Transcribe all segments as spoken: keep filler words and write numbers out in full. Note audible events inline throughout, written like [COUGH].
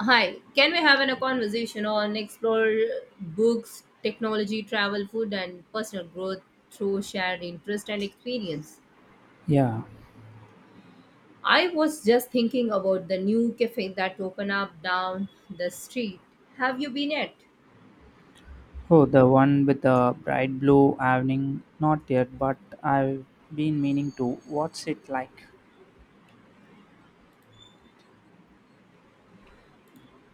Hi, can we have an- a conversation on explore books, technology, travel, food, and personal growth through shared interest and experience? Yeah. I was just thinking about the new cafe that opened up down the street. Have you been at? Oh, the one with the bright blue awning. Not yet, but I've been meaning to. What's it like?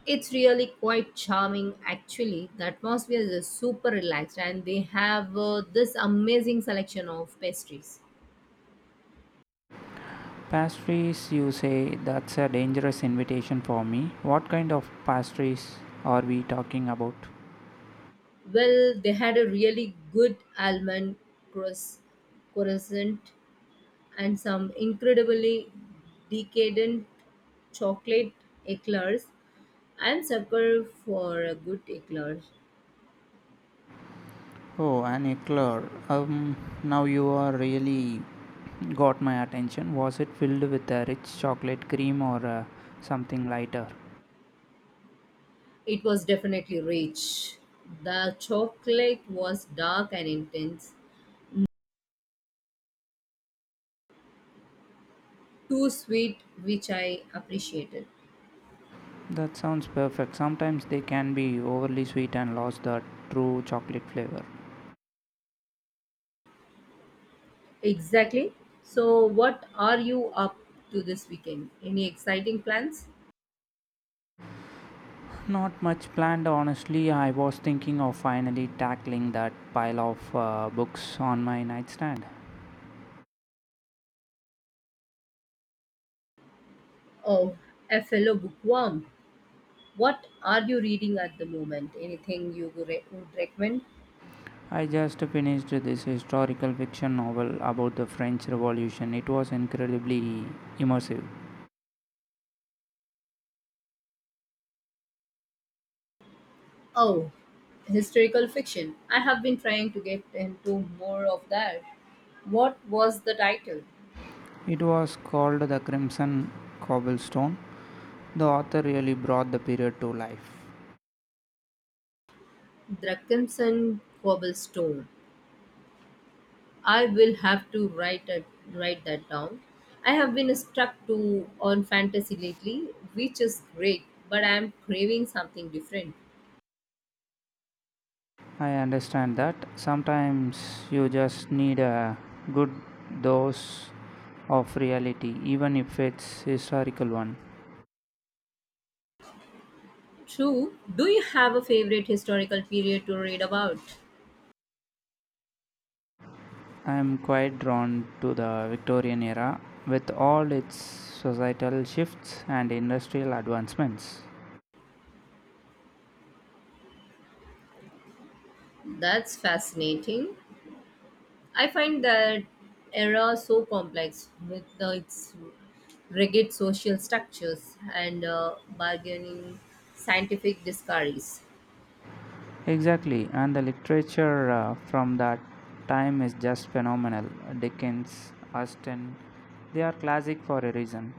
It's really quite charming, actually. The atmosphere is super relaxed, and they have uh, this amazing selection of pastries. Pastries, you say that's a dangerous invitation for me. What kind of pastries are we talking about? Well, they had a really good almond croissant and some incredibly decadent chocolate eclairs. I'm sucker for a good eclair. Oh, an eclair. Um, now you are really got my attention. Was it filled with a rich chocolate cream or uh, something lighter? It was definitely rich. The chocolate was dark and intense, too sweet, which I appreciated. That sounds perfect. Sometimes they can be overly sweet and lose the true chocolate flavor. Exactly. So, what are you up to this weekend? Any exciting plans? Not much planned, honestly. I was thinking of finally tackling that pile of uh, books on my nightstand. Oh, a fellow bookworm. What are you reading at the moment? Anything you would re- would recommend? I just finished this historical fiction novel about the French Revolution. It was incredibly immersive. Oh, historical fiction. I have been trying to get into more of that. What was the title? It was called The Crimson Cobblestone. The author really brought the period to life. Drakensand Cobblestone. I will have to write it, write that down. I have been stuck to on fantasy lately, which is great, but I am craving something different. I understand that. Sometimes you just need a good dose of reality, even if it's historical one. True. Do you have a favorite historical period to read about? I'm quite drawn to the Victorian era with all its societal shifts and industrial advancements. That's fascinating. I find that era so complex with uh, its rigid social structures and uh, bargaining scientific discoveries. Exactly, and the literature uh, from that time is just phenomenal. Dickens, Austen, they are classic for a reason.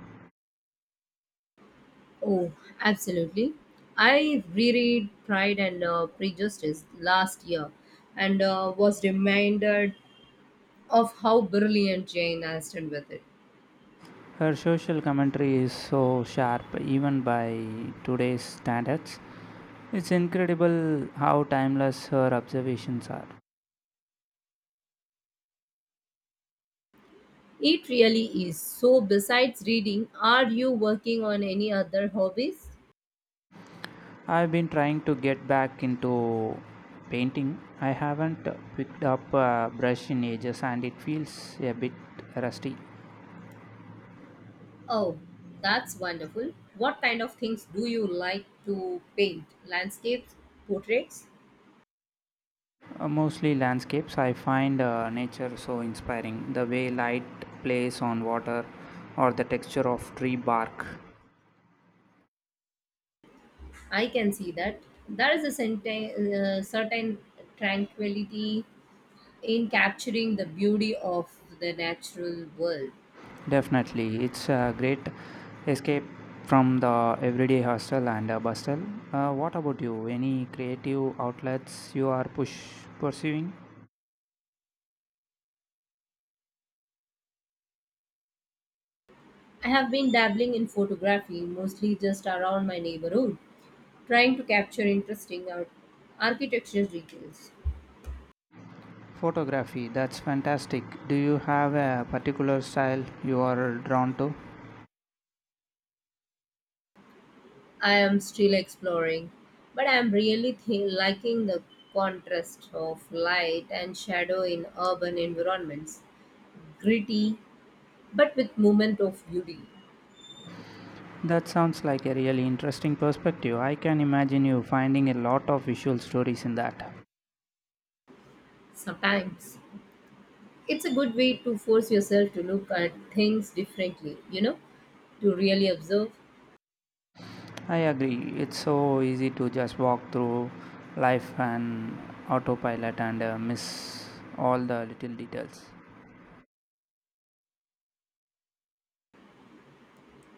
Oh, absolutely. I reread Pride and uh, Prejudice last year and uh, was reminded of how brilliant Jane Austen with it. Her social commentary is so sharp, even by today's standards. It's incredible how timeless her observations are. It really is. So, besides reading, are you working on any other hobbies? I've been trying to get back into painting. I haven't picked up a brush in ages and it feels a bit rusty. Oh, that's wonderful. What kind of things do you like to paint? Landscapes, portraits? Uh, mostly landscapes. I find uh, nature so inspiring. The way light plays on water or the texture of tree bark. I can see that. There is a certain, uh, certain tranquility in capturing the beauty of the natural world. Definitely. It's a great escape from the everyday hustle and uh, bustle. Uh, what about you? Any creative outlets you are push- pursuing? I have been dabbling in photography, mostly just around my neighborhood, trying to capture interesting ar- architecture details. Photography, that's fantastic. Do you have a particular style you are drawn to? I am still exploring, but I am really th- liking the contrast of light and shadow in urban environments. Gritty, but with moment of beauty. That sounds like a really interesting perspective. I can imagine you finding a lot of visual stories in that. Sometimes it's a good way to force yourself to look at things differently, you know, to really observe. I agree. It's so easy to just walk through life and autopilot and uh, miss all the little details.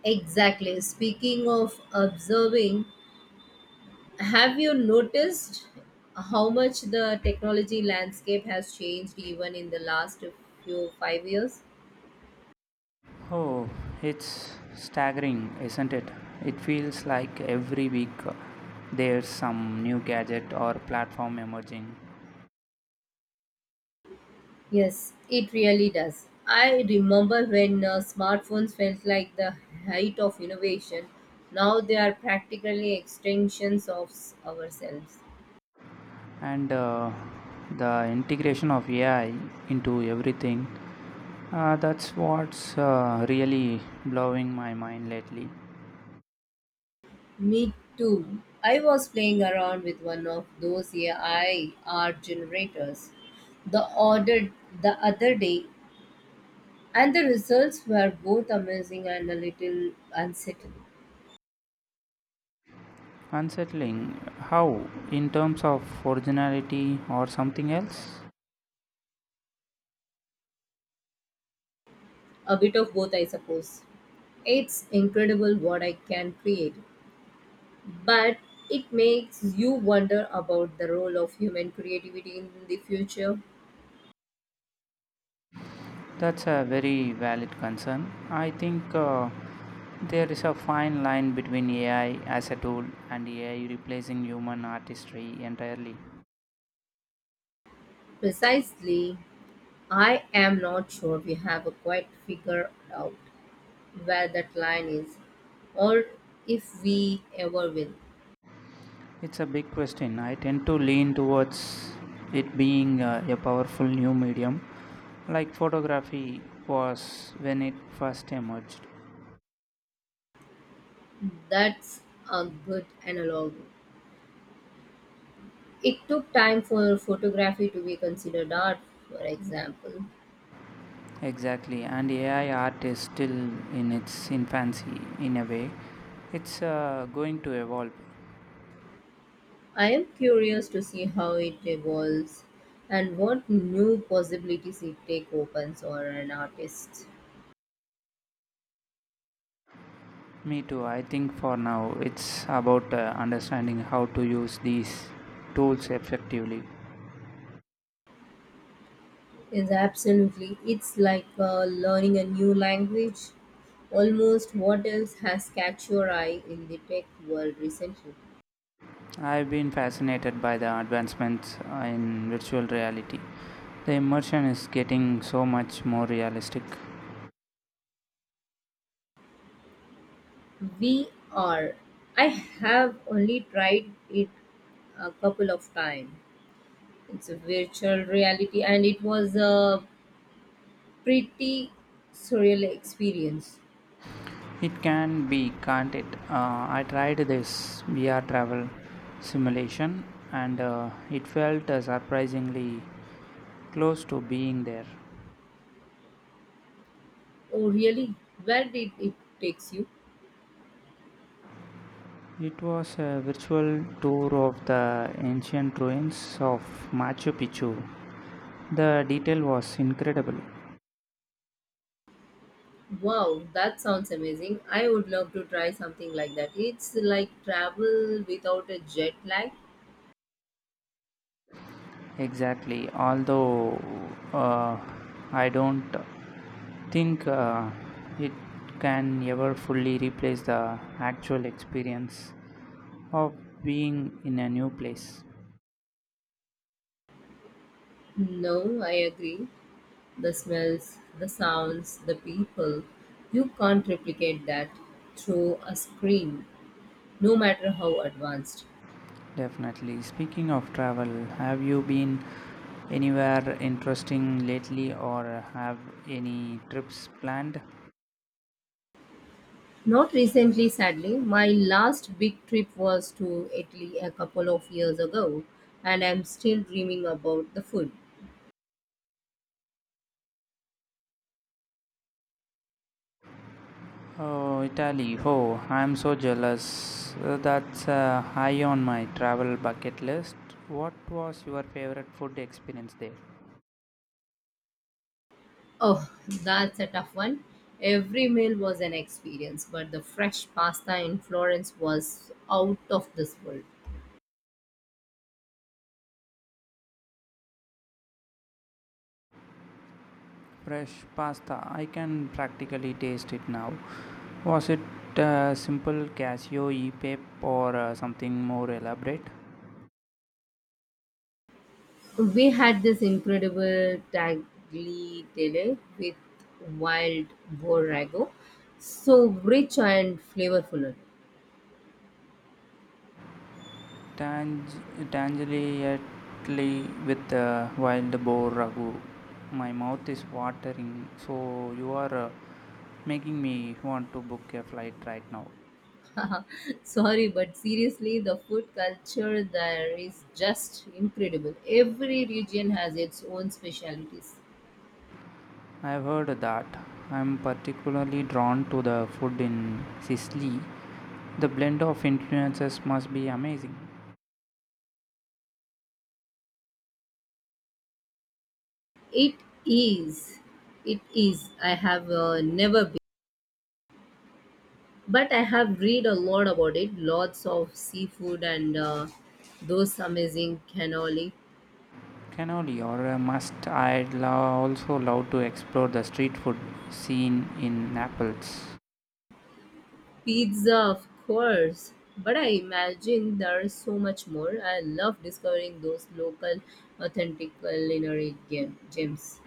Exactly. Speaking of observing, have you noticed how much the technology landscape has changed even in the last few five years? Oh, it's staggering, isn't it? It feels like every week uh, there's some new gadget or platform emerging Yes, it really does. I remember when uh, smartphones felt like the height of innovation. Now they are practically extensions of s- ourselves. and uh, the integration of A I into everything. Uh, that's what's uh, really blowing my mind lately. Me too. I was playing around with one of those A I art generators the order the other day, and the results were both amazing and a little unsettling. Unsettling. How? In terms of originality or something else? A bit of both, I suppose. It's incredible what I can create, but it makes you wonder about the role of human creativity in the future. That's a very valid concern. I think uh, there is a fine line between A I as a tool and A I replacing human artistry entirely. Precisely, I am not sure we have a quite figured out where that line is, or if we ever will. It's a big question. I tend to lean towards it being uh, a powerful new medium, like photography was when it first emerged. That's a good analog. It took time for photography to be considered art, for example. Exactly, and A I art is still in its infancy in a way. It's uh, going to evolve. I am curious to see how it evolves and what new possibilities it take opens for an artist. Me too. I think for now it's about uh, understanding how to use these tools effectively. Yes, absolutely. It's like uh, learning a new language. Almost what else has catch your eye in the tech world recently? I've been fascinated by the advancements uh, in virtual reality. The immersion is getting so much more realistic. V R. I have only tried it a couple of times. It's a virtual reality and it was a pretty surreal experience. It can be, can't it? uh, I tried this V R travel simulation, and uh, it felt uh, surprisingly close to being there. Oh, really? Where did it takes you? It was a virtual tour of the ancient ruins of Machu Picchu. The detail was incredible. Wow, that sounds amazing. I would love to try something like that. It's like travel without a jet lag. Exactly, although uh, I don't think uh, it can never fully replace the actual experience of being in a new place. No, I agree. The smells, the sounds, the people. You can't replicate that through a screen, no matter how advanced. Definitely. Speaking of travel, have you been anywhere interesting lately or have any trips planned? Not recently, sadly. My last big trip was to Italy a couple of years ago, and I'm still dreaming about the food. Oh, Italy. Oh, I'm so jealous. Uh, That's uh, high on my travel bucket list. What was your favorite food experience there? Oh, that's a tough one. Every meal was an experience, but the fresh pasta in Florence was out of this world. Fresh pasta, I can practically taste it now. Was it uh, simple cashew e or uh, something more elaborate? We had this incredible tagliatelle with wild borrego, so rich and flavorful. Tang- Tangentially with uh, wild boar ragu. My mouth is watering, so you are uh, making me want to book a flight right now. [LAUGHS] Sorry, but seriously, the food culture there is just incredible. Every region has its own specialities. I've heard that. I'm particularly drawn to the food in Sicily. The blend of influences must be amazing. It is. It is. I have uh, never, but I have read a lot about it. Lots of seafood and uh, those amazing cannoli Cannoli or a must. I'd lo- also love to explore the street food scene in Naples. pizza, of course. But I imagine there's so much more. I love discovering those local, authentic culinary gem- gems.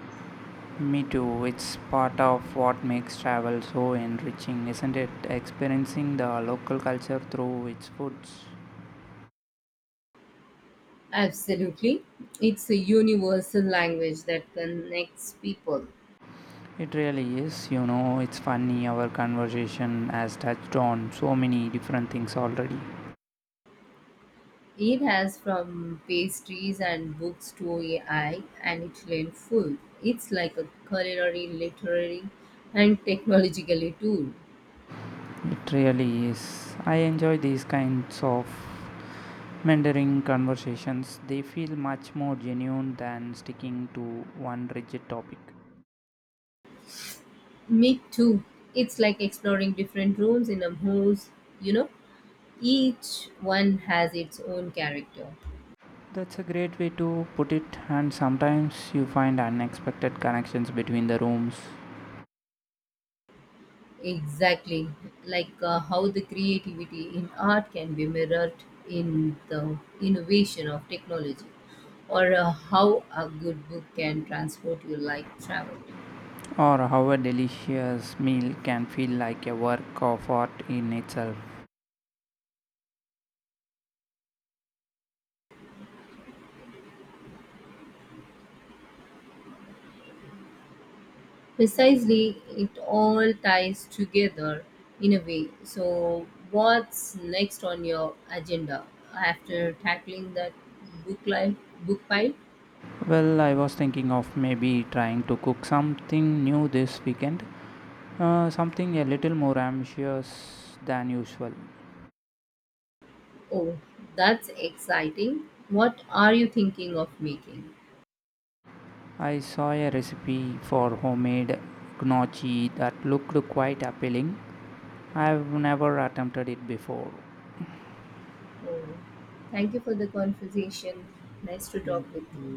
Me too. It's part of what makes travel so enriching, isn't it? Experiencing the local culture through its foods. Absolutely, it's a universal language that connects people. It really is. You know, it's funny our conversation has touched on so many different things already. It has, from pastries and books to A I and Italian food. It's like a culinary, literary, and technologically tool. It really is. I enjoy these kinds of mentoring conversations, they feel much more genuine than sticking to one rigid topic. Me too. It's like exploring different rooms in a house, you know. Each one has its own character. That's a great way to put it, and sometimes you find unexpected connections between the rooms, Exactly. Like uh, how the creativity in art can be mirrored in the innovation of technology, or uh, how a good book can transport you like travel. or how a delicious meal can feel like a work of art in itself. Precisely, it all ties together in a way. So, what's next on your agenda after tackling that book, li- book pile? Well, I was thinking of maybe trying to cook something new this weekend, uh, something a little more ambitious than usual. Oh, that's exciting. What are you thinking of making? I saw a recipe for homemade gnocchi that looked quite appealing. I've never attempted it before. Oh, thank you for the conversation. Nice to talk with you.